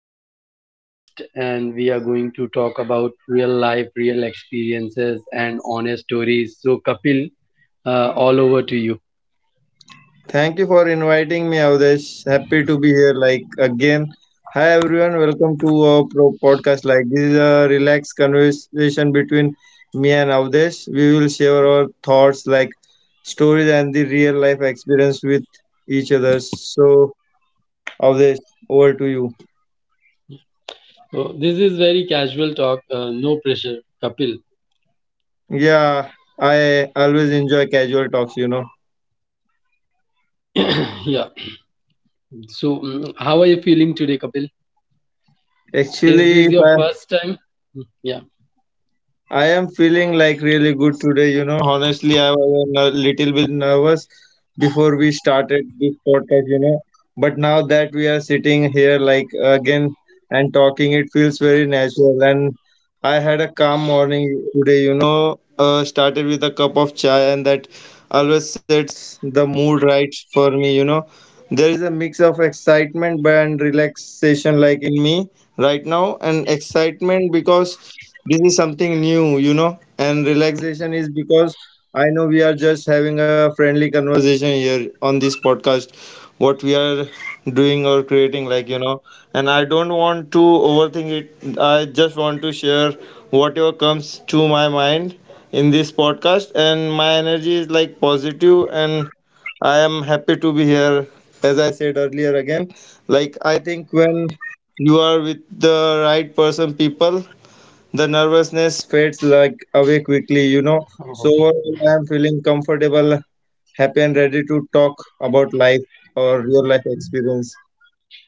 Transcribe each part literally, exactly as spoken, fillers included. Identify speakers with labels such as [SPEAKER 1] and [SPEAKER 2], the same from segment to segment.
[SPEAKER 1] have a special guest and we are going to talk about real life, real experiences, and honest stories. So, Kapil, uh, all over to you.
[SPEAKER 2] Thank you for inviting me, Avdesh. Happy to be here, like again. Hi everyone, welcome to our pro- podcast. Like this is a relaxed conversation between me and Avdesh. We will share our thoughts, like stories and the real life experience with each other. So Avdesh, over to you.
[SPEAKER 1] So, this is very casual talk, uh, no pressure, Kapil.
[SPEAKER 2] Yeah, I always enjoy casual talks. You know,
[SPEAKER 1] yeah. So, mm, how are you feeling today, Kapil? Is
[SPEAKER 2] actually,
[SPEAKER 1] this
[SPEAKER 2] if
[SPEAKER 1] your
[SPEAKER 2] I
[SPEAKER 1] first time? Mm, yeah.
[SPEAKER 2] I am feeling like really good today. You know, honestly, I was a little bit nervous before we started this podcast, you know. But now that we are sitting here, like again, and talking, it feels very natural. And I had a calm morning today, you know, uh, started with a cup of chai, and that always sets the mood right for me, you know. There is a mix of excitement and relaxation, like in me right now, and excitement because this is something new, you know, and relaxation is because I know we are just having a friendly conversation here on this podcast, what we are doing or creating, like you know, and I don't want to overthink it. I just want to share whatever comes to my mind in this podcast, and my energy is like positive and I am happy to be here. As I said earlier again, like I think when you are with the right person, people, the nervousness fades like away quickly, you know. So overall, I am feeling comfortable, happy, and ready to talk about life or real life experience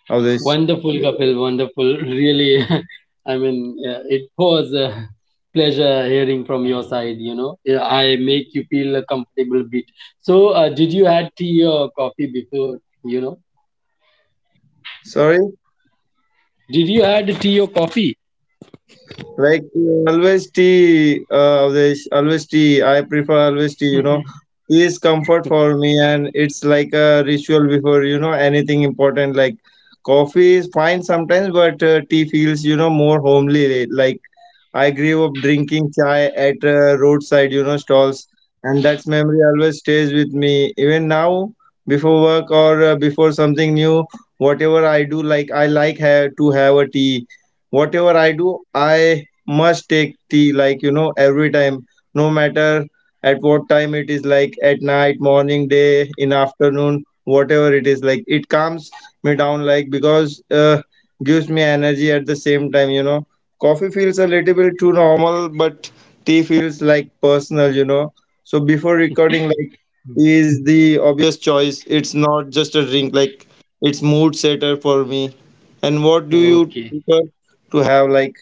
[SPEAKER 2] of this.
[SPEAKER 1] Wonderful, Kapil. Wonderful. Really, I mean, uh, it was a pleasure hearing from your side. You know, Yeah, I make you feel a comfortable bit. So, uh, did you had tea or coffee before? You know,
[SPEAKER 2] Sorry,
[SPEAKER 1] did you had tea or coffee?
[SPEAKER 2] like uh, always tea, uh, Avdesh, always tea. I prefer always tea, you know. Tea is comfort for me, and it's like a ritual before you know anything important. Like coffee is fine sometimes, but uh, tea feels you know more homely, like I grew up drinking chai at uh, roadside, you know, stalls, and that memory always stays with me. Even now, before work or uh, before something new, whatever I do, like I like ha- to have a tea. Whatever I do, I must take tea, like you know, every time, no matter at what time it is, like at night, morning, day, in afternoon, whatever it is, like it calms me down, like because uh, gives me energy at the same time, you know coffee feels a little bit too normal, but tea feels like personal, you know. So before recording, like tea is the obvious choice. It's not just a drink, like it's mood setter for me. And what do you
[SPEAKER 1] Okay,
[SPEAKER 2] prefer to have? Like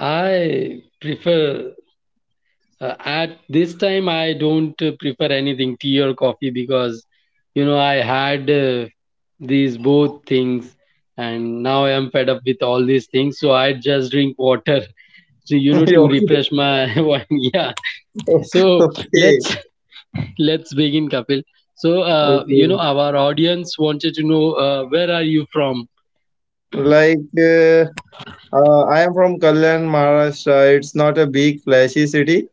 [SPEAKER 1] I prefer uh, at this time I don't uh, prefer anything tea or coffee because you know I had uh, these both things, and now I am fed up with all these things, so I just drink water. So you know
[SPEAKER 2] okay,
[SPEAKER 1] to refresh my one, yeah. So
[SPEAKER 2] okay,
[SPEAKER 1] let's let's begin, Kapil. So, uh, you
[SPEAKER 2] okay.
[SPEAKER 1] know our audience wanted to know uh, where are you from?
[SPEAKER 2] Like uh, uh, I am from Kalyan, Maharashtra. It's not a big flashy city,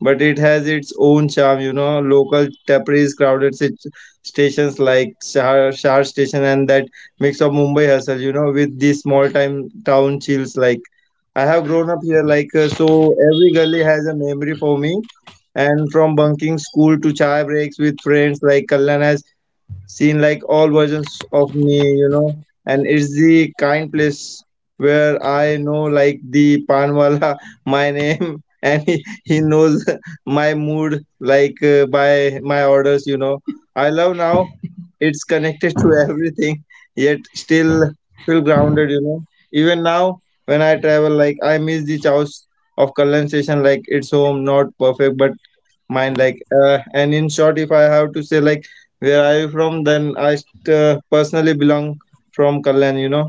[SPEAKER 2] but it has its own charm. You know, local taperies, crowded sit- stations like Shahar, Shahar Station, and that mix of Mumbai hustle. You know, with the small time town chills. Like I have grown up here, like uh, so every gully has a memory for me. And from bunking school to chai breaks with friends, like Kalyan has seen like all versions of me, you know. And it's the kind place where I know like the panwala my name, and he, he knows my mood like uh, by my orders, you know. I love now it's connected to everything, yet still feel grounded, you know. Even now when I travel, like I miss the chows of Kallan station, like it's home, not perfect, but mind like uh, and in short, if I have to say like where are you from, then I st- uh, personally belong from Kalyan, you know.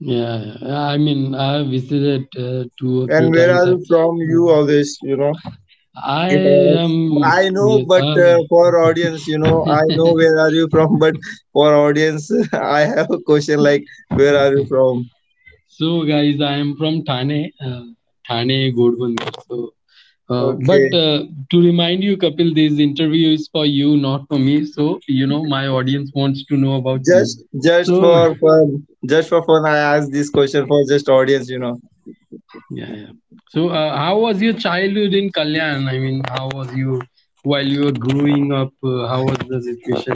[SPEAKER 1] Yeah, yeah. I mean, I visited uh, two or
[SPEAKER 2] And
[SPEAKER 1] three
[SPEAKER 2] where
[SPEAKER 1] times.
[SPEAKER 2] are
[SPEAKER 1] I,
[SPEAKER 2] you from? You always, you know
[SPEAKER 1] I
[SPEAKER 2] if I was-
[SPEAKER 1] am
[SPEAKER 2] I know,
[SPEAKER 1] yes.
[SPEAKER 2] but
[SPEAKER 1] I.
[SPEAKER 2] uh, for audience, you know, I know where are you from, but for audience, I have a question like, where are you from?
[SPEAKER 1] So, guys, I am from Thane, uh, Thane, Godbunder. So, uh, but
[SPEAKER 2] Okay,
[SPEAKER 1] uh, to remind you, Kapil, this interview is for you, not for me. So, you know, my audience wants to know about you.
[SPEAKER 2] just just
[SPEAKER 1] So,
[SPEAKER 2] for fun, just for fun, I asked this question for just audience, you know.
[SPEAKER 1] yeah, yeah. So, uh, how was your childhood in Kalyan? I mean, how was you while you were growing up? Uh, how was the situation?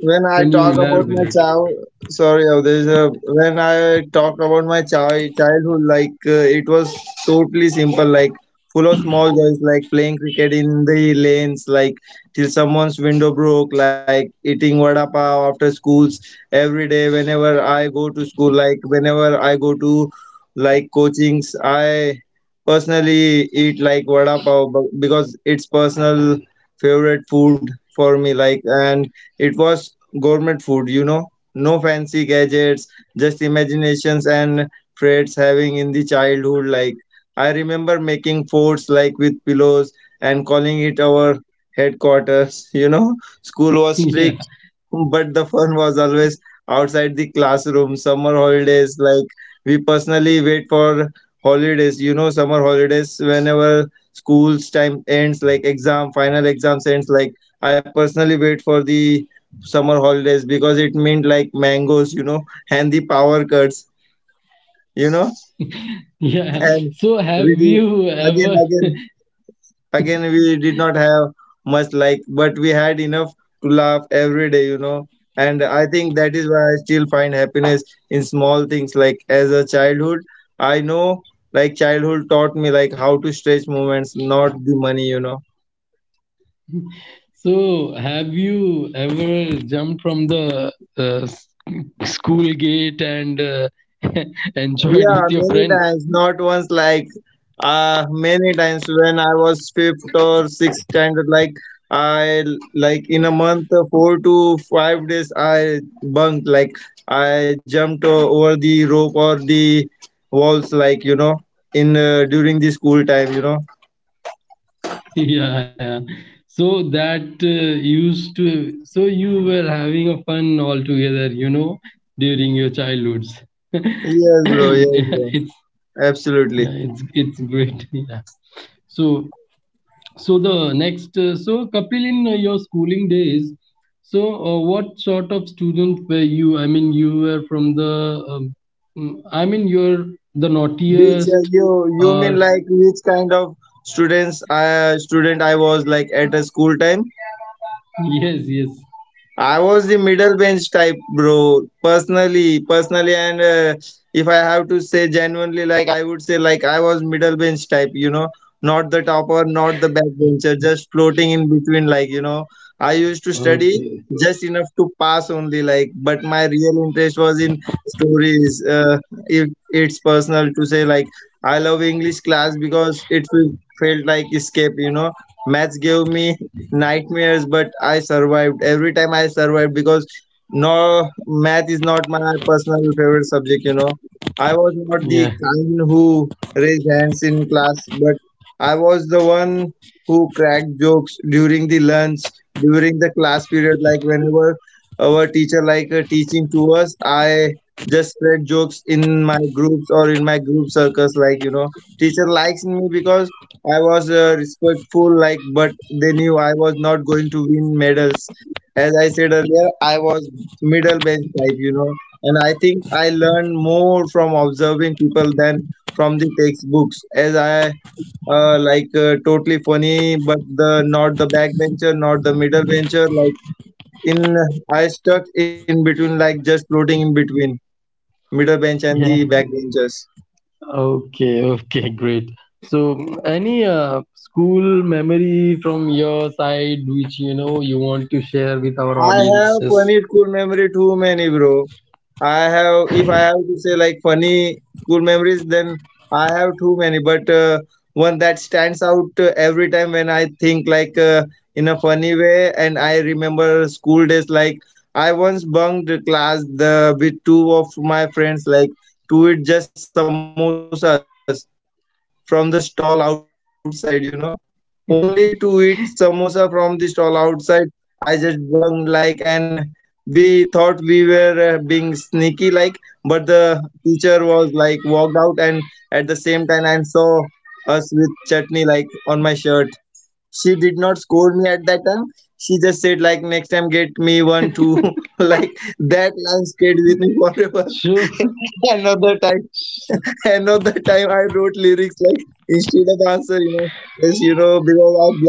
[SPEAKER 2] When I
[SPEAKER 1] Can you
[SPEAKER 2] talk about my
[SPEAKER 1] elaborate?
[SPEAKER 2] child, sorry, oh, there's a When I talk about my child childhood, like uh, it was totally simple, like full of small joys, like playing cricket in the lanes, like till someone's window broke, like eating vada pav after schools every day. Whenever I go to school, like whenever I go to like coachings, I personally eat like vada pav bu- because it's personal favorite food for me, like and it was gourmet food, you know. No fancy gadgets, just imaginations and friends having in the childhood. Like I remember making forts like with pillows and calling it our headquarters, you know. School was
[SPEAKER 1] yeah,
[SPEAKER 2] strict but the fun was always outside the classroom, summer holidays. Like we personally wait for holidays, you know, summer holidays whenever school's time ends, like exam, final exams ends. Like I personally wait for the summer holidays because it meant like mangoes, you know, and the power cuts, you know,
[SPEAKER 1] yeah.
[SPEAKER 2] and
[SPEAKER 1] So, have
[SPEAKER 2] we do
[SPEAKER 1] you
[SPEAKER 2] again,
[SPEAKER 1] ever?
[SPEAKER 2] again. Again, we did not have much like, but we had enough to laugh every day, you know. And I think that is why I still find happiness in small things. Like as a childhood, I know like childhood taught me like how to stretch moments, not the money, you know.
[SPEAKER 1] So, have you ever jumped from the uh, s- school gate and uh, enjoyed with
[SPEAKER 2] Yeah,
[SPEAKER 1] your
[SPEAKER 2] many
[SPEAKER 1] friends?
[SPEAKER 2] times, not once, like uh many times when I was fifth or sixth standard, like I like in a month uh, four to five days I bunked, like I jumped o- over the rope or the walls, like you know, in uh, during the school time, you know.
[SPEAKER 1] Yeah, yeah. So that uh, used to, so you were having a fun all together, you know, during your childhoods. yeah,
[SPEAKER 2] Yes, bro. Yes,
[SPEAKER 1] it's
[SPEAKER 2] bro.
[SPEAKER 1] yeah, it's
[SPEAKER 2] Absolutely.
[SPEAKER 1] it's great. Yeah. So So the next, uh, so Kapil, in uh, your schooling days, so uh, what sort of student were you? I mean, you were from the, um, mm, I mean, you're the
[SPEAKER 2] Which
[SPEAKER 1] naughtiest,
[SPEAKER 2] uh, you you
[SPEAKER 1] or
[SPEAKER 2] mean like which kind of students uh student I was like at a school time?
[SPEAKER 1] yes, yes,
[SPEAKER 2] I was the middle bench type, bro. Personally, personally, and uh, if I have to say genuinely, like I would say, like I was middle bench type. You know, not the topper, not the back bencher, just floating in between. Like you know, I used to study
[SPEAKER 1] okay,
[SPEAKER 2] just enough to pass only. Like, but my real interest was in stories. Uh, if it's personal to say, like I love English class because it fe- felt like escape. You know, maths gave me nightmares, but I survived. Every time I survived because no, math is not my personal favorite subject, you know. I was not
[SPEAKER 1] yeah,
[SPEAKER 2] the kind who raised hands in class, but I was the one who cracked jokes during the lunch, during the class period, like whenever our teacher like uh, teaching to us, I just spread jokes in my groups or in my group circles, like you know teacher likes me because I was uh, respectful, like, but they knew I was not going to win medals. As I said earlier, I was middle bench type, you know, and I think I learned more from observing people than from the textbooks. As I uh, like uh, totally funny, but the not the backbencher, not the middle bencher. Like in, I stuck in between, like just floating in between middle bench and the
[SPEAKER 1] yeah,
[SPEAKER 2] backbenchers.
[SPEAKER 1] okay, okay, great. So mm, any uh, school memory from your side, which you know you want to share with our
[SPEAKER 2] I have
[SPEAKER 1] audiences?
[SPEAKER 2] funny school memory too many, bro. I have, if I have to say like funny school memories, then I have too many. But uh, one that stands out uh, every time when I think like uh, in a funny way, and I remember school days. Like I once bunked the class the with two of my friends, like to eat just samosas from the stall outside, you know, only to eat samosa from the stall outside. I just bunged like, and we thought we were uh, being sneaky like, but the teacher was like walked out and at the same time and saw us with chutney like on my shirt. She did not scold me at that time. She just said like next time get me one too. Like that line stayed with me forever.
[SPEAKER 1] Sure.
[SPEAKER 2] Another time and at the time I wrote lyrics like instead of answer, you know, yes, you know, because I blanked out.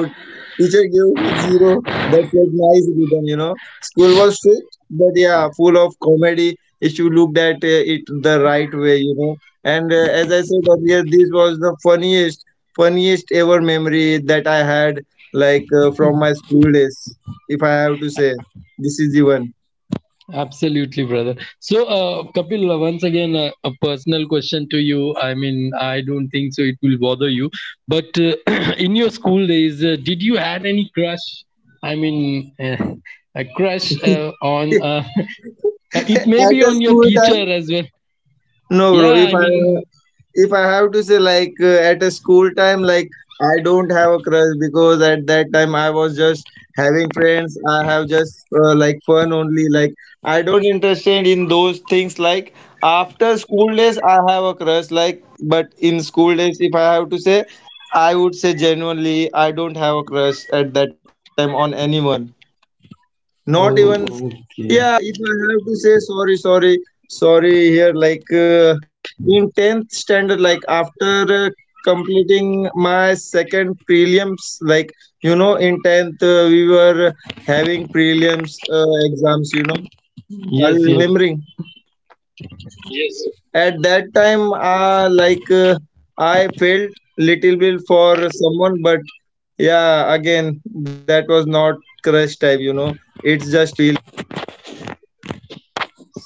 [SPEAKER 2] Teacher gave me zero, but like nice rhythm, you know. School was strict, but yeah, full of comedy if you looked at uh, it the right way, you know. And uh, as I said earlier, this was the funniest, funniest ever memory that I had, like uh, from my school days. If I have to say, this is the one.
[SPEAKER 1] Absolutely, brother. So, uh, Kapil, uh, once again, uh, a personal question to you. I mean, I don't think so. It will bother you, but uh, in your school days, uh, did you had any crush? I mean, uh, a crush uh, on? Uh, it may be
[SPEAKER 2] At a
[SPEAKER 1] on your
[SPEAKER 2] school
[SPEAKER 1] teacher
[SPEAKER 2] time.
[SPEAKER 1] as well.
[SPEAKER 2] No, bro.
[SPEAKER 1] Yeah,
[SPEAKER 2] If
[SPEAKER 1] I
[SPEAKER 2] I
[SPEAKER 1] mean.
[SPEAKER 2] if I have to say, like uh, at a school time, like I don't have a crush because at that time I was just having friends. I have just uh, like fun only. Like I don't interested in those things. Like after school days, I have a crush. Like but in school days, if I have to say, I would say genuinely, I don't have a crush at that time on anyone, not
[SPEAKER 1] Oh,
[SPEAKER 2] even.
[SPEAKER 1] okay.
[SPEAKER 2] Yeah, if I have to say, sorry sorry sorry here, like uh, in tenth standard, like after uh, completing my second prelims, like you know in tenth, uh, we were having prelims uh, exams, you know are you
[SPEAKER 1] Yes,
[SPEAKER 2] remembering?
[SPEAKER 1] yes.
[SPEAKER 2] At that time, uh, like uh, I felt little bit for someone, but yeah, again, that was not crush type, you know, it's just feel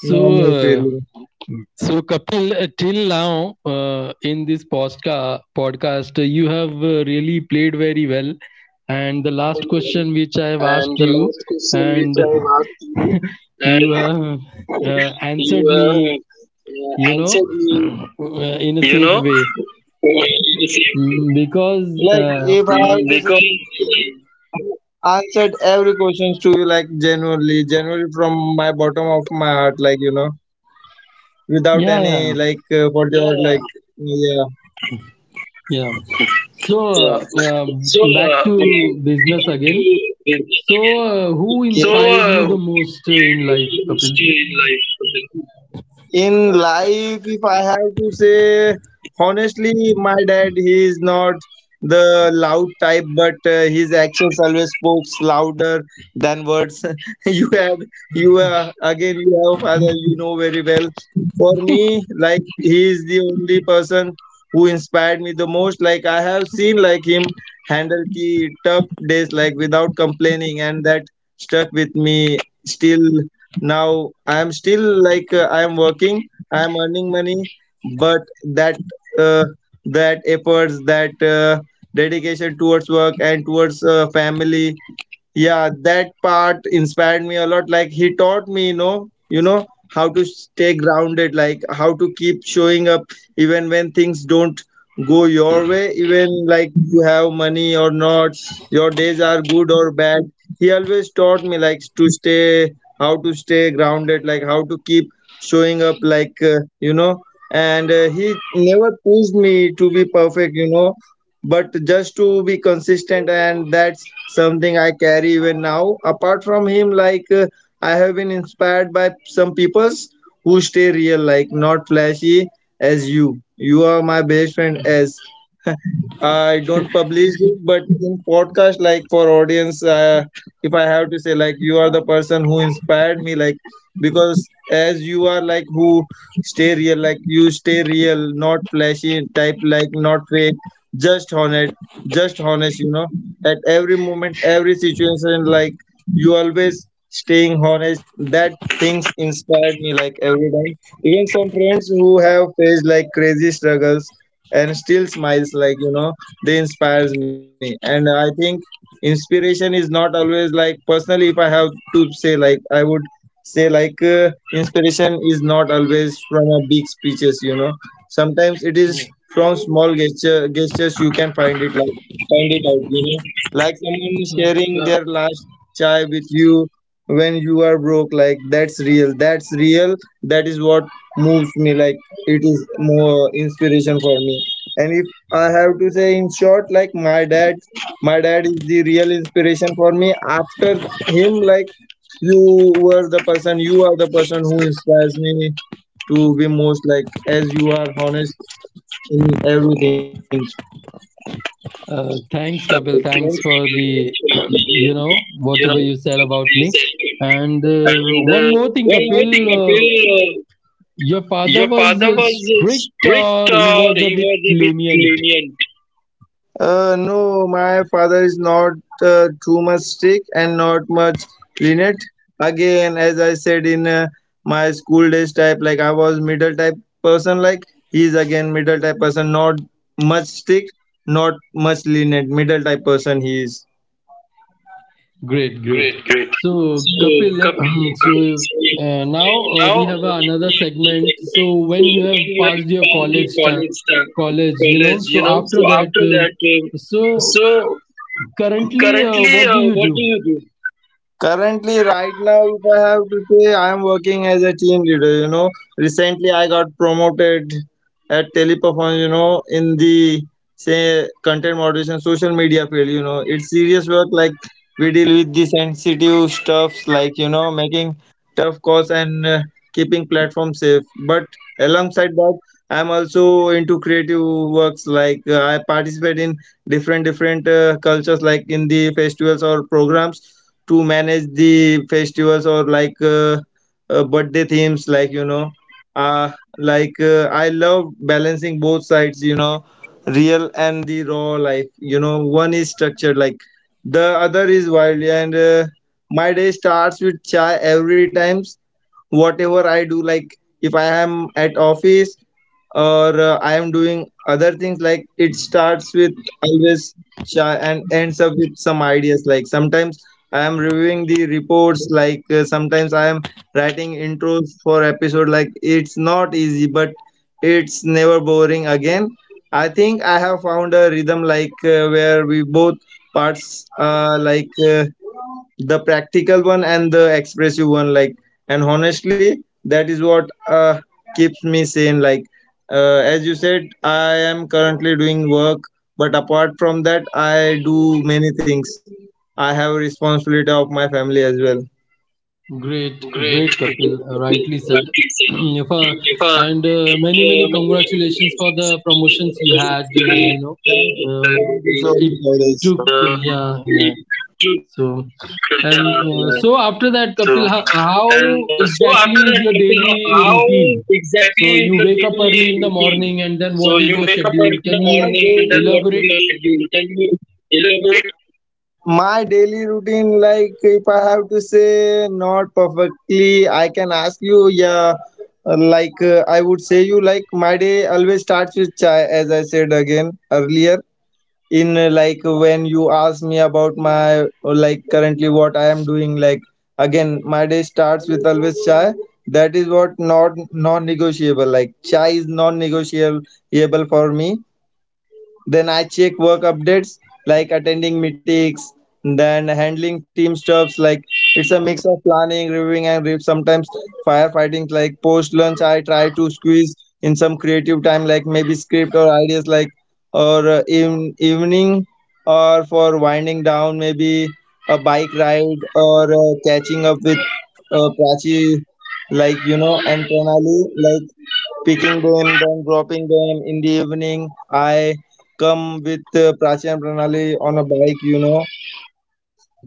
[SPEAKER 1] So.
[SPEAKER 2] normal
[SPEAKER 1] Uh,
[SPEAKER 2] feeling.
[SPEAKER 1] So, Kapil, uh, till now uh, in this postka- podcast, uh, you have uh, really played very well. And the last question which I have asked
[SPEAKER 2] And the
[SPEAKER 1] you,
[SPEAKER 2] last question
[SPEAKER 1] and
[SPEAKER 2] which I have asked you,
[SPEAKER 1] you
[SPEAKER 2] that,
[SPEAKER 1] have uh,
[SPEAKER 2] you
[SPEAKER 1] answered me,
[SPEAKER 2] have uh,
[SPEAKER 1] you know,
[SPEAKER 2] answered me,
[SPEAKER 1] uh, in a
[SPEAKER 2] you
[SPEAKER 1] safe
[SPEAKER 2] know.
[SPEAKER 1] way. Mm, Because,
[SPEAKER 2] Like
[SPEAKER 1] uh,
[SPEAKER 2] if I have, because answered every questions to you like genuinely, genuinely from my bottom of my heart, like you know, without
[SPEAKER 1] yeah, yeah,
[SPEAKER 2] any like uh, for your, yeah, like yeah,
[SPEAKER 1] yeah. So,
[SPEAKER 2] yeah.
[SPEAKER 1] uh, uh,
[SPEAKER 2] So
[SPEAKER 1] back
[SPEAKER 2] uh, we
[SPEAKER 1] to business
[SPEAKER 2] have
[SPEAKER 1] again.
[SPEAKER 2] to visit
[SPEAKER 1] So, uh, who
[SPEAKER 2] again. So okay.
[SPEAKER 1] inspired
[SPEAKER 2] Uh,
[SPEAKER 1] you the most uh,
[SPEAKER 2] where
[SPEAKER 1] in life,
[SPEAKER 2] do you
[SPEAKER 1] Kapil?
[SPEAKER 2] stay in life? In life, if I have to say honestly, my dad, he is not the loud type, but uh, his actions always spoke louder than words. You had, you uh, again, you have a father, you know very well. For me, like he is the only person who inspired me the most. Like I have seen like him handle the tough days like without complaining, and that stuck with me still. Now i am still, like uh, i am working, i am earning money, but that, uh, that efforts, that uh, dedication towards work and towards uh, family, yeah, that part inspired me a lot. Like he taught me, you know you know how to stay grounded, like how to keep showing up even when things don't go your way, even like you have money or not, your days are good or bad. He always taught me like to stay, how to stay grounded, like how to keep showing up, like uh, you know. And uh, he never pushed me to be perfect, you know, but just to be consistent, and that's something i carry even now. Apart from him, like uh, i have been inspired by some peoples who stay real, like not flashy. As you, you are my best friend, as I don't publish it, but in podcast, like for audience, uh, if I have to say, like you are the person who inspired me, like because as you are, like who stay real, like you stay real, not flashy type, like not fake, just honest, just honest, you know, at every moment, every situation, like you always staying honest. That things inspired me, like every time. Even some friends who have faced like crazy struggles and still smiles, like you know, they inspires me. And i think inspiration is not always like, personally if i have to say, like i would say, like uh, inspiration is not always from a big speeches, you know, sometimes it is from small gesture, gestures you can find it, like find it out, you know, like someone
[SPEAKER 1] Yeah.
[SPEAKER 2] sharing their last chai with you when you are broke, like that's real, that's real, that is what moves me. Like it is more inspiration for me. And if i have to say in short, like my dad, my dad is the real inspiration for me. After him, like you were the person, you are the person who inspires me to be most, like as you are honest in everything.
[SPEAKER 1] Uh,
[SPEAKER 2] So,
[SPEAKER 1] thanks, Kapil.
[SPEAKER 2] thank
[SPEAKER 1] Thanks for the, you know,
[SPEAKER 2] you, know,
[SPEAKER 1] whatever you said
[SPEAKER 2] you
[SPEAKER 1] about
[SPEAKER 2] said.
[SPEAKER 1] me. And uh,
[SPEAKER 2] And uh,
[SPEAKER 1] one more
[SPEAKER 2] one
[SPEAKER 1] thing,
[SPEAKER 2] more thing,
[SPEAKER 1] Kapil, uh,
[SPEAKER 2] Kapil, uh,
[SPEAKER 1] your
[SPEAKER 2] your
[SPEAKER 1] father was
[SPEAKER 2] father
[SPEAKER 1] uh,
[SPEAKER 2] was uh,
[SPEAKER 1] strict
[SPEAKER 2] strict
[SPEAKER 1] or he
[SPEAKER 2] or
[SPEAKER 1] was a
[SPEAKER 2] he
[SPEAKER 1] bit
[SPEAKER 2] was a bit
[SPEAKER 1] lenient?
[SPEAKER 2] lenient? Uh, no, my father is not uh, too much strict and not much lenient. Again, as I said in uh, my school days type, like I was middle type person, like he is again middle type person, not much strict, not much lenient, middle type person he is.
[SPEAKER 1] Great, great.
[SPEAKER 2] Great, great.
[SPEAKER 1] So,
[SPEAKER 2] So,
[SPEAKER 1] Kapil,
[SPEAKER 2] Kapil,
[SPEAKER 1] so
[SPEAKER 2] uh,
[SPEAKER 1] uh, now uh,
[SPEAKER 2] now
[SPEAKER 1] we
[SPEAKER 2] uh, let
[SPEAKER 1] have another
[SPEAKER 2] me ask you a
[SPEAKER 1] segment.
[SPEAKER 2] segment.
[SPEAKER 1] So,
[SPEAKER 2] So,
[SPEAKER 1] when you have
[SPEAKER 2] when you have
[SPEAKER 1] passed your
[SPEAKER 2] done the
[SPEAKER 1] college time,
[SPEAKER 2] college, uh,
[SPEAKER 1] college, you know,
[SPEAKER 2] college, you
[SPEAKER 1] so
[SPEAKER 2] know, so
[SPEAKER 1] after that,
[SPEAKER 2] after that, um,
[SPEAKER 1] uh, so
[SPEAKER 2] so
[SPEAKER 1] currently, uh,
[SPEAKER 2] currently,
[SPEAKER 1] what do
[SPEAKER 2] uh,
[SPEAKER 1] you
[SPEAKER 2] what do
[SPEAKER 1] do?
[SPEAKER 2] you do? Currently, right now, if I have to say, I am working as a team leader. You know, recently I got promoted at Teleperformance. You know, in the, say, content moderation, social media field. You know, it's serious work. Like we deal with the sensitive stuffs, like you know, making tough calls and uh, keeping platform safe. But alongside that, I'm also into creative works. Like uh, I participate in different different uh, cultures, like in the festivals or programs to manage the festivals or like uh, uh, birthday themes, like you know, uh, like uh, i love balancing both sides, you know, real and the raw life, you know, one is structured, like the other is wild. And uh, my day starts with chai every time, whatever i do. Like if i am at office or uh, i am doing other things, like it starts with always shy and ends up with some ideas. Like sometimes i am reviewing the reports, like uh, sometimes i am writing intros for episode, like it's not easy but it's never boring. Again, i think i have found a rhythm, like uh, where we both parts, uh, like uh, the practical one and the expressive one, like, and honestly that is what uh, keeps me sane, like uh, as you said, i am currently doing work, but apart from that, i do many things. I have responsibility of my family as well.
[SPEAKER 1] Great,
[SPEAKER 2] Great.
[SPEAKER 1] great, Kapil. uh, Rightly said. If, uh,
[SPEAKER 2] Uh,
[SPEAKER 1] and uh, many, many congratulations for the promotions you had. Uh, you know,
[SPEAKER 2] Thank
[SPEAKER 1] uh,
[SPEAKER 2] you so
[SPEAKER 1] it took.
[SPEAKER 2] much,
[SPEAKER 1] uh, yeah, yeah. So,
[SPEAKER 2] Avdesh.
[SPEAKER 1] and uh, so
[SPEAKER 2] So,
[SPEAKER 1] after that, Kapil, how,
[SPEAKER 2] and uh, so
[SPEAKER 1] how
[SPEAKER 2] after that,
[SPEAKER 1] exactly is
[SPEAKER 2] Kapil,
[SPEAKER 1] your
[SPEAKER 2] how how
[SPEAKER 1] daily routine?
[SPEAKER 2] exactly is your
[SPEAKER 1] So you wake up
[SPEAKER 2] daily
[SPEAKER 1] early in the
[SPEAKER 2] routine?
[SPEAKER 1] morning, and
[SPEAKER 2] So
[SPEAKER 1] then
[SPEAKER 2] you
[SPEAKER 1] what is
[SPEAKER 2] wake up
[SPEAKER 1] your
[SPEAKER 2] early in
[SPEAKER 1] schedule?
[SPEAKER 2] the
[SPEAKER 1] Can you
[SPEAKER 2] morning, and then daily what is your
[SPEAKER 1] elaborate,
[SPEAKER 2] schedule? Can you elaborate? My daily routine, like if i have to say, not perfectly i can ask you, yeah. uh, like uh, i would say you, like my day always starts with chai, as i said again earlier. In uh, like when you ask me about my uh, like currently what i am doing, like again my day starts with always chai. That is what, not non-negotiable, like chai is non-negotiable for me. Then I check work updates, like attending meetings, then handling team stuffs, like it's a mix of planning, reviewing, and re- sometimes firefighting. Like post lunch, I try to squeeze in some creative time, like maybe script or ideas, like or uh, even evening or for winding down, maybe a bike ride or uh, catching up with uh, Prachi, like you know, and Pranali, like picking them, then dropping them in the evening. I come with uh, Prachi and Pranali on a bike, you know,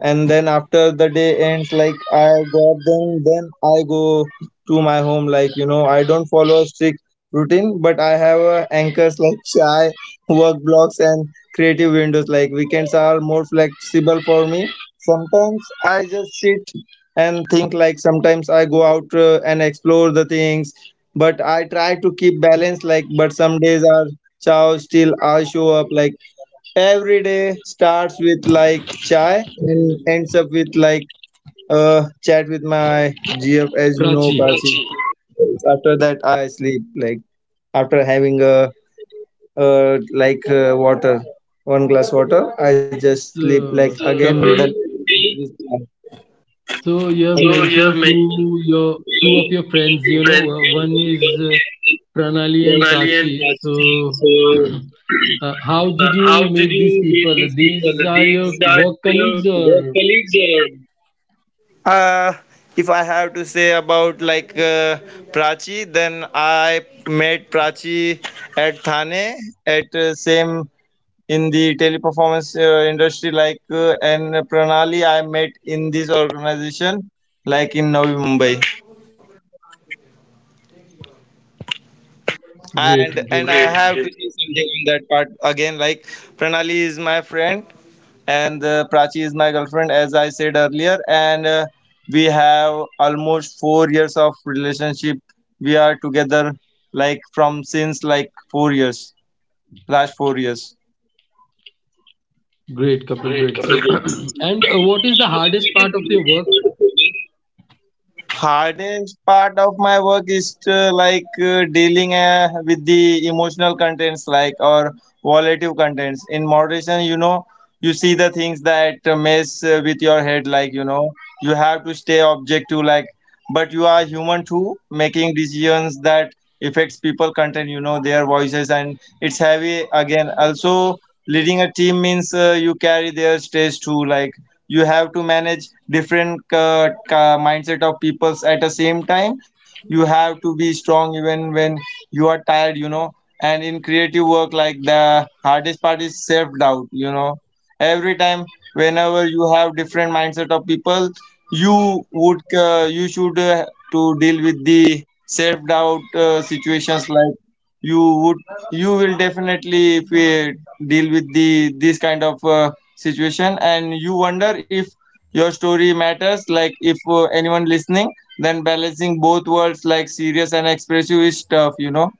[SPEAKER 2] and then after the day ends, like i got them, then i go to my home. Like you know, i don't follow a strict routine, but i have uh, anchors, like shy, work blocks, and creative windows. Like weekends are more flexible for me. Sometimes i just sit and think, like sometimes i go out uh, and explore the things. But i try to keep balance, like, but some days are chow, still i show up. Like every day starts with like chai and ends up with like uh chat with my G F, as you know,
[SPEAKER 1] Prachi?
[SPEAKER 2] Kasi. After that, I sleep, like after having a uh like uh, water, one glass water. I just sleep, like
[SPEAKER 1] So,
[SPEAKER 2] again. So, then
[SPEAKER 1] Kapil.
[SPEAKER 2] so
[SPEAKER 1] So you have
[SPEAKER 2] okay, you have
[SPEAKER 1] mentioned
[SPEAKER 2] many
[SPEAKER 1] two your two of your friends. You know,
[SPEAKER 2] friends.
[SPEAKER 1] uh, one is uh, Pranali and
[SPEAKER 2] Pronali and
[SPEAKER 1] Prachi.
[SPEAKER 2] Prachi,
[SPEAKER 1] So
[SPEAKER 2] so
[SPEAKER 1] uh, how
[SPEAKER 2] uh,
[SPEAKER 1] did
[SPEAKER 2] how
[SPEAKER 1] you
[SPEAKER 2] did
[SPEAKER 1] meet these
[SPEAKER 2] you meet
[SPEAKER 1] people?
[SPEAKER 2] these people?
[SPEAKER 1] These are your
[SPEAKER 2] These are
[SPEAKER 1] work
[SPEAKER 2] your
[SPEAKER 1] colleagues
[SPEAKER 2] work
[SPEAKER 1] or
[SPEAKER 2] colleagues or? Uh, if I have to say about, like uh, Prachi, then I met Prachi at Thane at uh, same in the teleperformance uh, industry, like uh, and Pranali I met in this organization, like in Navi Mumbai. And
[SPEAKER 1] great,
[SPEAKER 2] and I,
[SPEAKER 1] great. So,
[SPEAKER 2] great, have to, great, say something on that part again. Like Pranali is my friend, and uh, Prachi is my girlfriend, as I said earlier, and uh, we have almost four years of relationship. We are together like from since like four years, last four years.
[SPEAKER 1] great couple, great.
[SPEAKER 2] Great,
[SPEAKER 1] So,
[SPEAKER 2] Kapil.
[SPEAKER 1] and uh, what is the hardest part of your work?
[SPEAKER 2] Hardest part of my work is to, like uh, dealing uh, with the emotional contents, like, or volatile contents in moderation, you know. You see the things that uh, mess uh, with your head, like, you know, you have to stay objective, like, but you are human too, making decisions that affects people content, you know, their voices, and it's heavy. Again, also leading a team means uh, you carry their stress too, like, you have to manage different uh, ca- mindset of peoples at the same time. You have to be strong even when you are tired, you know. And in creative work, like, the hardest part is self doubt, you know. Every time, whenever you have different mindset of people, you would uh, you should uh, to deal with the self doubt uh, situations, like, you would, you will definitely, if deal with the this kind of uh, situation, and you wonder if your story matters, like, if uh, anyone listening. Then balancing both worlds, like serious and expressive, is tough, you know.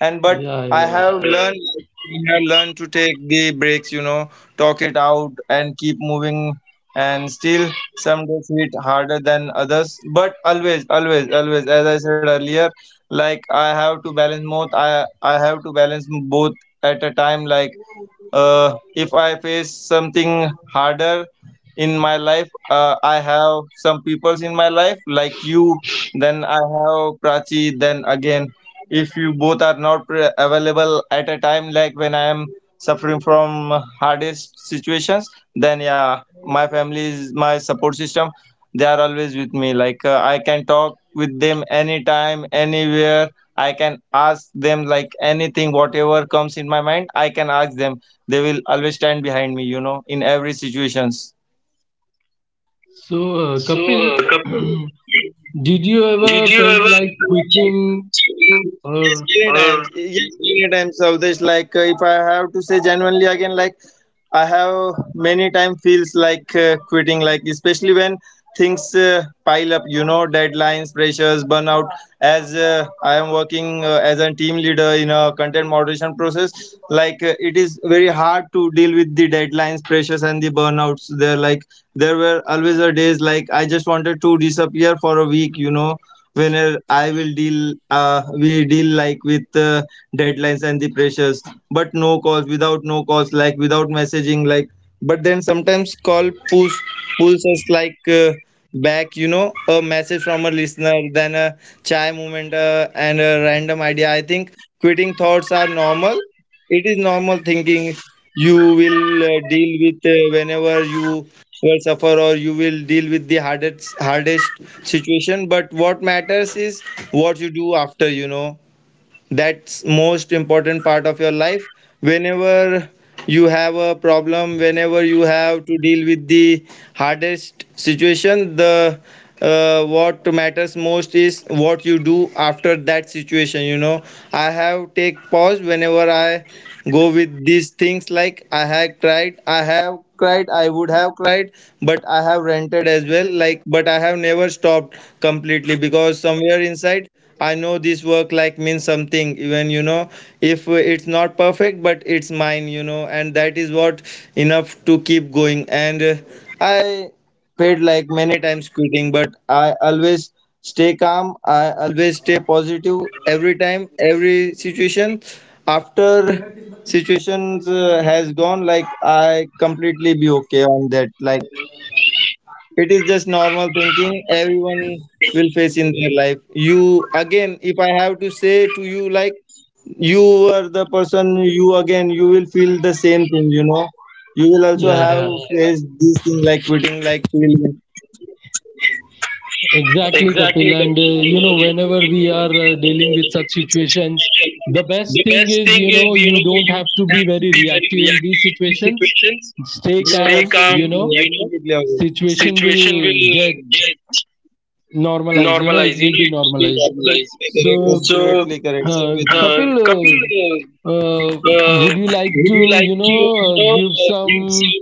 [SPEAKER 2] And but
[SPEAKER 1] Yeah,
[SPEAKER 2] I
[SPEAKER 1] yeah.
[SPEAKER 2] have learned, like, I have learned to take the breaks, you know, talk it out and keep moving. And still some days hit harder than others, but always, always, always, as I said earlier, like, I have to balance both. I i have to balance both at a time, like, uh, if I face something harder in my life, uh, I have some peoples in my life, like you, then I have Prachi. Then again, if you both are not pre- available at a time, like when I am suffering from hardest situations, then yeah, my family is my support system. They are always with me, like, uh, I can talk with them anytime, anywhere. I can ask them, like, anything, whatever comes in my mind I can ask them. They will always stand behind me, you know, in every situations.
[SPEAKER 1] So uh,
[SPEAKER 2] So,
[SPEAKER 1] Kapil,
[SPEAKER 2] Kapil,
[SPEAKER 1] did you ever
[SPEAKER 2] did you
[SPEAKER 1] felt
[SPEAKER 2] ever?
[SPEAKER 1] like quitting
[SPEAKER 2] Yes,
[SPEAKER 1] or
[SPEAKER 2] many or times. Yes, many times, of this. Like, uh, if I have to say genuinely, again, like, I have many time feels like uh, quitting, like, especially when things uh, pile up, you know, deadlines, pressures, burnout. As uh, I am working uh, as a team leader in a content moderation process, like, uh, it is very hard to deal with the deadlines, pressures, and the burnouts. There, like, there were always a days like I just wanted to disappear for a week, you know, whenever I will deal, uh, we deal, like, with uh, deadlines and the pressures, but no calls, without no calls, like, without messaging, like, but then sometimes call push, pulls us, like, uh, back, you know, a message from a listener, then a chai moment uh, and a random idea. I think quitting thoughts are normal. It is normal thinking. You will uh, deal with, uh, whenever you will suffer, or you will deal with the hardest hardest situation. But what matters is what you do after, you know. That's most important part of your life. Whenever you have a problem, whenever you have to deal with the hardest situation, the uh, what matters most is what you do after that situation, you know. I have take pause whenever I go with these things, like, I had cried, I have cried, I would have cried, but I have rented as well. Like, but I have never stopped completely, because somewhere inside I know this work, like, means something. Even, you know, if it's not perfect, but it's mine. You know, and that is what enough to keep going. And uh, I paid like many times quitting, but I always stay calm. I always stay positive every time, every situation. After situations uh, has gone, like, I completely be okay on that. Like, it is just normal thinking everyone will face in their life. You, again, if I have to say to you, like, you are the person, you again, you will feel the same thing. You know, you will also
[SPEAKER 1] yeah,
[SPEAKER 2] have
[SPEAKER 1] yeah?
[SPEAKER 2] faced this thing, like quitting, like feeling.
[SPEAKER 1] Exactly, Kapil.
[SPEAKER 2] Exactly.
[SPEAKER 1] And uh, you know, whenever we are uh, dealing with such situations, the best
[SPEAKER 2] The
[SPEAKER 1] thing
[SPEAKER 2] best
[SPEAKER 1] is,
[SPEAKER 2] thing
[SPEAKER 1] you
[SPEAKER 2] is,
[SPEAKER 1] know,
[SPEAKER 2] you know,
[SPEAKER 1] you don't
[SPEAKER 2] you
[SPEAKER 1] have to
[SPEAKER 2] don't have
[SPEAKER 1] be
[SPEAKER 2] to
[SPEAKER 1] very
[SPEAKER 2] be very
[SPEAKER 1] reactive in these
[SPEAKER 2] reactive in these
[SPEAKER 1] situations.
[SPEAKER 2] situations. Yeah,
[SPEAKER 1] Stay
[SPEAKER 2] yeah. Stay
[SPEAKER 1] calm,
[SPEAKER 2] calm,
[SPEAKER 1] you
[SPEAKER 2] absolutely,
[SPEAKER 1] know,
[SPEAKER 2] you know. Absolutely, Akash.
[SPEAKER 1] situation
[SPEAKER 2] Situation will
[SPEAKER 1] will get
[SPEAKER 2] get
[SPEAKER 1] normalized, you know, it
[SPEAKER 2] normalized, you
[SPEAKER 1] will
[SPEAKER 2] know,
[SPEAKER 1] be
[SPEAKER 2] it will be
[SPEAKER 1] normalized.
[SPEAKER 2] normalized.
[SPEAKER 1] So,
[SPEAKER 2] Absolutely correct. So, absolutely correct. Same
[SPEAKER 1] uh,
[SPEAKER 2] with me. uh,
[SPEAKER 1] Kapil,
[SPEAKER 2] Kapil,
[SPEAKER 1] uh,
[SPEAKER 2] uh,
[SPEAKER 1] uh,
[SPEAKER 2] uh,
[SPEAKER 1] would you like
[SPEAKER 2] would you
[SPEAKER 1] to,
[SPEAKER 2] like
[SPEAKER 1] you
[SPEAKER 2] to,
[SPEAKER 1] know,
[SPEAKER 2] you
[SPEAKER 1] uh,
[SPEAKER 2] know,
[SPEAKER 1] give
[SPEAKER 2] uh, give
[SPEAKER 1] some
[SPEAKER 2] some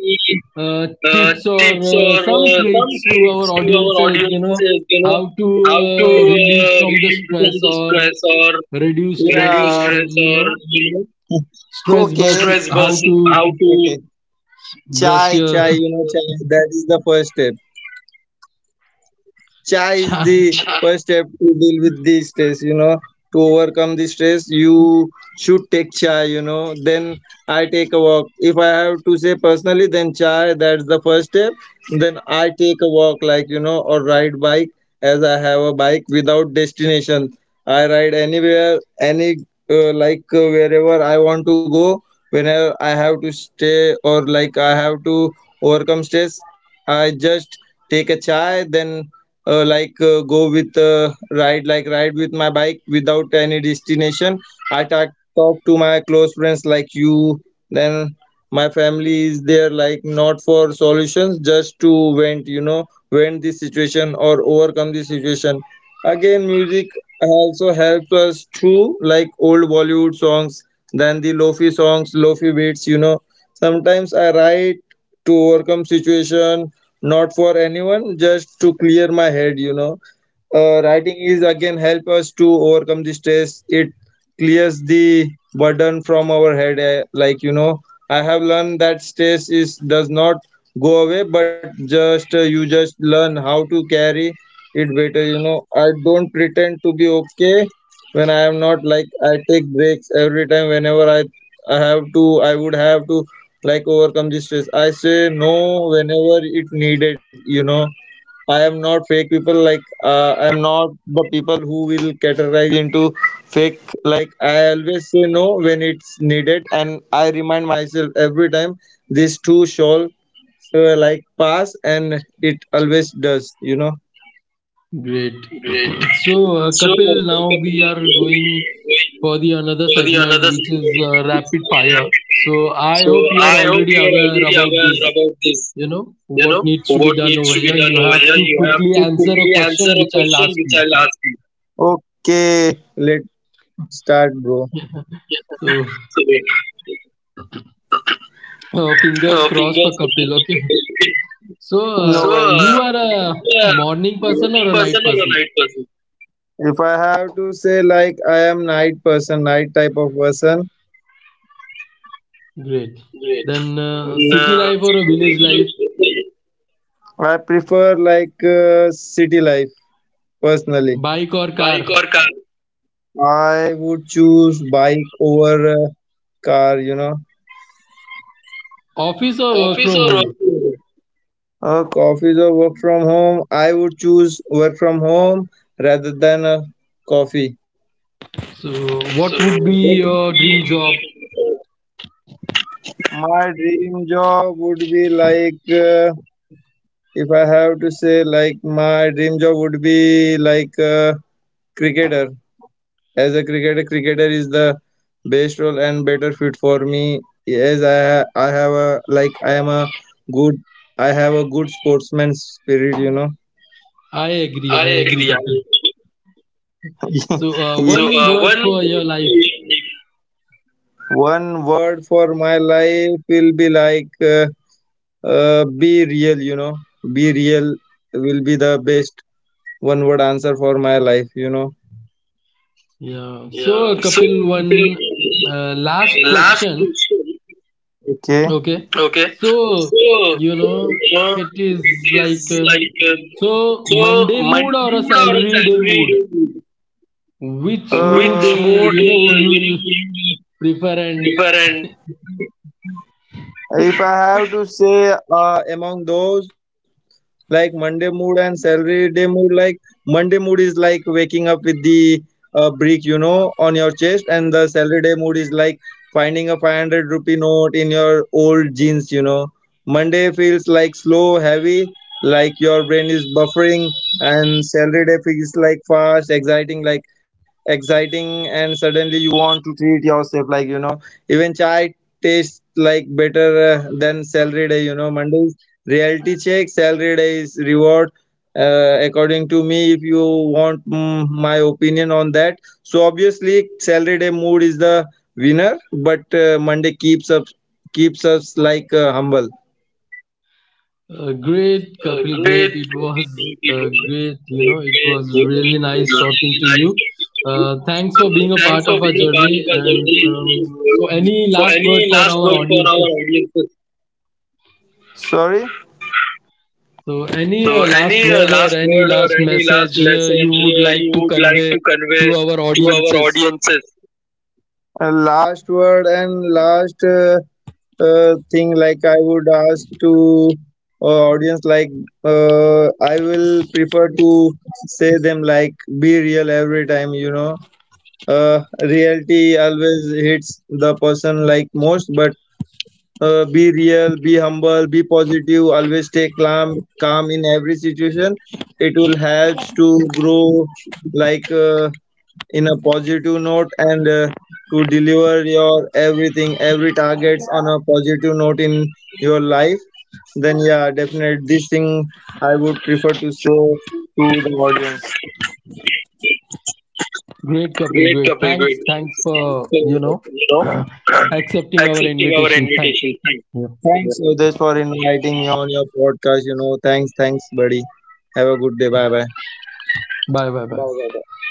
[SPEAKER 1] uh,
[SPEAKER 2] uh,
[SPEAKER 1] tips or
[SPEAKER 2] tips
[SPEAKER 1] uh,
[SPEAKER 2] or
[SPEAKER 1] some
[SPEAKER 2] uh, some
[SPEAKER 1] tricks to our
[SPEAKER 2] tricks to our
[SPEAKER 1] audiences, you know
[SPEAKER 2] audiences, you know,
[SPEAKER 1] how to
[SPEAKER 2] how to
[SPEAKER 1] uh, relieve
[SPEAKER 2] uh,
[SPEAKER 1] from the
[SPEAKER 2] relieve from
[SPEAKER 1] stress
[SPEAKER 2] the
[SPEAKER 1] or
[SPEAKER 2] stress or
[SPEAKER 1] reduce
[SPEAKER 2] reduce,
[SPEAKER 1] stress
[SPEAKER 2] yeah,
[SPEAKER 1] or
[SPEAKER 2] stress,
[SPEAKER 1] you
[SPEAKER 2] or,
[SPEAKER 1] know
[SPEAKER 2] you know,
[SPEAKER 1] stress
[SPEAKER 2] okay,
[SPEAKER 1] bus,
[SPEAKER 2] stress
[SPEAKER 1] how
[SPEAKER 2] bus,
[SPEAKER 1] to
[SPEAKER 2] how to, okay,
[SPEAKER 1] brush
[SPEAKER 2] chai,
[SPEAKER 1] your
[SPEAKER 2] chai, you know, chai. That is the first step. Cha is
[SPEAKER 1] child
[SPEAKER 2] the first step to deal with the stress, you know. To overcome the stress, you should take chai, you know. Then I take a walk. If I have to say personally, then chai, that's the first step. Then I take a walk, like, you know, or ride bike, as I have a bike, without destination. I ride anywhere, any, uh, like, uh, wherever I want to go. Whenever I have to stay, or like I have to overcome stress, I just take a chai, then uh, like uh, go with uh, ride, like ride with my bike without any destination. I talk, talk to my close friends, like you, then my family is there, like, not for solutions, just to vent, you know, vent this situation or overcome this situation. Again, music also helps us through, like old Bollywood songs, then the lofi songs, lofi beats, you know. Sometimes I write to overcome situation, not for anyone, just to clear my head, you know. Uh, writing is again help us to overcome the stress. It clears the burden from our head. eh, Like, you know, I have learned that stress is does not go away, but just uh, you just learn how to carry it better. You know, I don't pretend to be okay when I am not. Like, I take breaks every time whenever I I have to. I would have to, like, overcome the stress. I say no whenever it needed. You know, I am not fake people. Like, uh, I am not the people who will categorize into fake. Like, I always say no when it's needed, and I remind myself every time this too shall uh, like pass, and it always does. You know.
[SPEAKER 1] great.
[SPEAKER 2] Great.
[SPEAKER 1] so uh,
[SPEAKER 2] So,
[SPEAKER 1] Kapil, now we are going for the another
[SPEAKER 2] for the
[SPEAKER 1] segment,
[SPEAKER 2] another
[SPEAKER 1] which
[SPEAKER 2] segment,
[SPEAKER 1] is uh, rapid fire. So I
[SPEAKER 2] so,
[SPEAKER 1] hope you
[SPEAKER 2] I
[SPEAKER 1] are
[SPEAKER 2] hope
[SPEAKER 1] already
[SPEAKER 2] you are
[SPEAKER 1] aware
[SPEAKER 2] already
[SPEAKER 1] about
[SPEAKER 2] aware
[SPEAKER 1] this.
[SPEAKER 2] about this.
[SPEAKER 1] You know
[SPEAKER 2] You
[SPEAKER 1] what
[SPEAKER 2] know,
[SPEAKER 1] needs to be
[SPEAKER 2] what
[SPEAKER 1] done
[SPEAKER 2] needs
[SPEAKER 1] over
[SPEAKER 2] to be
[SPEAKER 1] here.
[SPEAKER 2] done
[SPEAKER 1] You
[SPEAKER 2] over
[SPEAKER 1] have
[SPEAKER 2] here?
[SPEAKER 1] to
[SPEAKER 2] You have
[SPEAKER 1] quickly
[SPEAKER 2] to
[SPEAKER 1] answer a
[SPEAKER 2] quickly answer
[SPEAKER 1] question
[SPEAKER 2] a
[SPEAKER 1] which I'll
[SPEAKER 2] question
[SPEAKER 1] ask
[SPEAKER 2] which
[SPEAKER 1] you.
[SPEAKER 2] I'll ask you. Okay, let's start, bro.
[SPEAKER 1] So,
[SPEAKER 2] So,
[SPEAKER 1] uh, fingers
[SPEAKER 2] uh,
[SPEAKER 1] crossed for
[SPEAKER 2] fingers.
[SPEAKER 1] Kapil. Okay. So,
[SPEAKER 2] No, so
[SPEAKER 1] uh,
[SPEAKER 2] worries.
[SPEAKER 1] you
[SPEAKER 2] Uh,
[SPEAKER 1] are a
[SPEAKER 2] you are a
[SPEAKER 1] morning person or
[SPEAKER 2] morning
[SPEAKER 1] a
[SPEAKER 2] person
[SPEAKER 1] night
[SPEAKER 2] or a
[SPEAKER 1] person?
[SPEAKER 2] night person? If I have to say, like, I am night person, night type of person.
[SPEAKER 1] Great.
[SPEAKER 2] Great.
[SPEAKER 1] Then, uh, city
[SPEAKER 2] No.
[SPEAKER 1] life or a village life?
[SPEAKER 2] I prefer, like, uh, city life personally.
[SPEAKER 1] Bike or car?
[SPEAKER 2] Bike or car? I would choose bike over uh, car, you know.
[SPEAKER 1] Office or work
[SPEAKER 2] Office
[SPEAKER 1] from
[SPEAKER 2] or work?
[SPEAKER 1] home?
[SPEAKER 2] From home? Uh, coffees or work from home, I would choose work from home rather than uh, coffee.
[SPEAKER 1] So,
[SPEAKER 2] So
[SPEAKER 1] what would
[SPEAKER 2] what
[SPEAKER 1] be
[SPEAKER 2] would
[SPEAKER 1] your dream job?
[SPEAKER 2] be my dream job would be like, uh, if I have to say, like, my dream job would be like a cricketer. As a cricketer, cricketer is the best role and better fit for me. Yes, I ha- I have, a like I am a good, I have a good sportsman spirit. You know.
[SPEAKER 1] I agree. I
[SPEAKER 2] I
[SPEAKER 1] agree,
[SPEAKER 2] agree. Yeah.
[SPEAKER 1] Kapil. So, uh,
[SPEAKER 2] So,
[SPEAKER 1] one
[SPEAKER 2] uh,
[SPEAKER 1] word
[SPEAKER 2] one.
[SPEAKER 1] for your life.
[SPEAKER 2] One word for my life will be like, uh, uh, be real. You know, be real will be the best one word answer for my life. You know.
[SPEAKER 1] Yeah. So, uh,
[SPEAKER 2] Yeah. So,
[SPEAKER 1] Kapil, one
[SPEAKER 2] people,
[SPEAKER 1] uh, last
[SPEAKER 2] last
[SPEAKER 1] question.
[SPEAKER 2] question. Okay.
[SPEAKER 1] Okay,
[SPEAKER 2] Okay,
[SPEAKER 1] so
[SPEAKER 2] so
[SPEAKER 1] you know
[SPEAKER 2] uh,
[SPEAKER 1] it
[SPEAKER 2] it
[SPEAKER 1] is like
[SPEAKER 2] is
[SPEAKER 1] um,
[SPEAKER 2] like uh,
[SPEAKER 1] so
[SPEAKER 2] so
[SPEAKER 1] Monday mood
[SPEAKER 2] money
[SPEAKER 1] or a
[SPEAKER 2] mood or
[SPEAKER 1] salary day mood.
[SPEAKER 2] salary, which,
[SPEAKER 1] Which mood uh,
[SPEAKER 2] Uh, mood, uh,
[SPEAKER 1] you
[SPEAKER 2] you
[SPEAKER 1] know you will
[SPEAKER 2] know, you
[SPEAKER 1] prefer? And
[SPEAKER 2] prefer, and if I have to say uh, among those, like Monday mood and salary day mood, like, Monday mood is like waking up with the uh, brick, you know, on your chest, and the salary day mood is like finding a five hundred rupee note in your old jeans, you know. Monday feels like slow, heavy, like your brain is buffering, and salary day feels like fast, exciting, like exciting, and suddenly you want to treat yourself, like, you know, even chai tastes like better uh, than salary day, you know. Monday, reality check; salary days, reward. Uh, according to me, if you want, mm, my opinion on that, so obviously salary day mood is the winner, but uh, Monday keeps up, keeps us, like, uh, humble.
[SPEAKER 1] uh, great,
[SPEAKER 2] Uh,
[SPEAKER 1] Kapil,
[SPEAKER 2] great
[SPEAKER 1] great. It was
[SPEAKER 2] meeting people.
[SPEAKER 1] uh, great.
[SPEAKER 2] Uh,
[SPEAKER 1] You know,
[SPEAKER 2] great
[SPEAKER 1] it was
[SPEAKER 2] meeting people.
[SPEAKER 1] really nice
[SPEAKER 2] Really
[SPEAKER 1] talking to
[SPEAKER 2] nice
[SPEAKER 1] you.
[SPEAKER 2] talking to you.
[SPEAKER 1] Uh, thanks
[SPEAKER 2] Uh,
[SPEAKER 1] for being a
[SPEAKER 2] Thanks
[SPEAKER 1] part
[SPEAKER 2] for
[SPEAKER 1] of
[SPEAKER 2] being
[SPEAKER 1] our
[SPEAKER 2] a part of
[SPEAKER 1] journey.
[SPEAKER 2] our
[SPEAKER 1] And um, so,
[SPEAKER 2] journey.
[SPEAKER 1] any
[SPEAKER 2] So,
[SPEAKER 1] last word
[SPEAKER 2] any
[SPEAKER 1] for
[SPEAKER 2] last
[SPEAKER 1] our
[SPEAKER 2] word for our
[SPEAKER 1] audiences?
[SPEAKER 2] audience? Sorry.
[SPEAKER 1] So, any
[SPEAKER 2] So,
[SPEAKER 1] uh, last
[SPEAKER 2] any uh,
[SPEAKER 1] word or
[SPEAKER 2] last
[SPEAKER 1] any
[SPEAKER 2] word or
[SPEAKER 1] last
[SPEAKER 2] any last
[SPEAKER 1] message uh, you
[SPEAKER 2] message
[SPEAKER 1] would
[SPEAKER 2] uh,
[SPEAKER 1] like
[SPEAKER 2] you
[SPEAKER 1] to
[SPEAKER 2] would like to
[SPEAKER 1] convey
[SPEAKER 2] convey
[SPEAKER 1] to our
[SPEAKER 2] to our
[SPEAKER 1] audiences?
[SPEAKER 2] audiences? Uh, last word and last uh, uh, thing, like, I would ask to uh, audience, like, uh, I will prefer to say them like be real every time, you know. uh, Reality always hits the person like most, but uh, be real, be humble, be positive, always stay calm, calm in every situation. It will help to grow, like, uh, in a positive note, and uh, to deliver your everything, every targets, on a positive note in your life. Then yeah, definitely this thing I would prefer to show to the audience.
[SPEAKER 1] Great, Kapil.
[SPEAKER 2] Great,
[SPEAKER 1] Great.
[SPEAKER 2] Kapil.
[SPEAKER 1] Thanks.
[SPEAKER 2] Great.
[SPEAKER 1] Thanks for
[SPEAKER 2] So,
[SPEAKER 1] you know
[SPEAKER 2] you know,
[SPEAKER 1] accepting our
[SPEAKER 2] accepting our
[SPEAKER 1] invitation. Thanks.
[SPEAKER 2] invitation. Thanks.
[SPEAKER 1] Yeah.
[SPEAKER 2] Thanks, Udesh, for inviting me on your podcast. You know, thanks, thanks, buddy. Have a good day. Bye bye.
[SPEAKER 1] Bye. Bye. Bye.
[SPEAKER 2] Bye bye.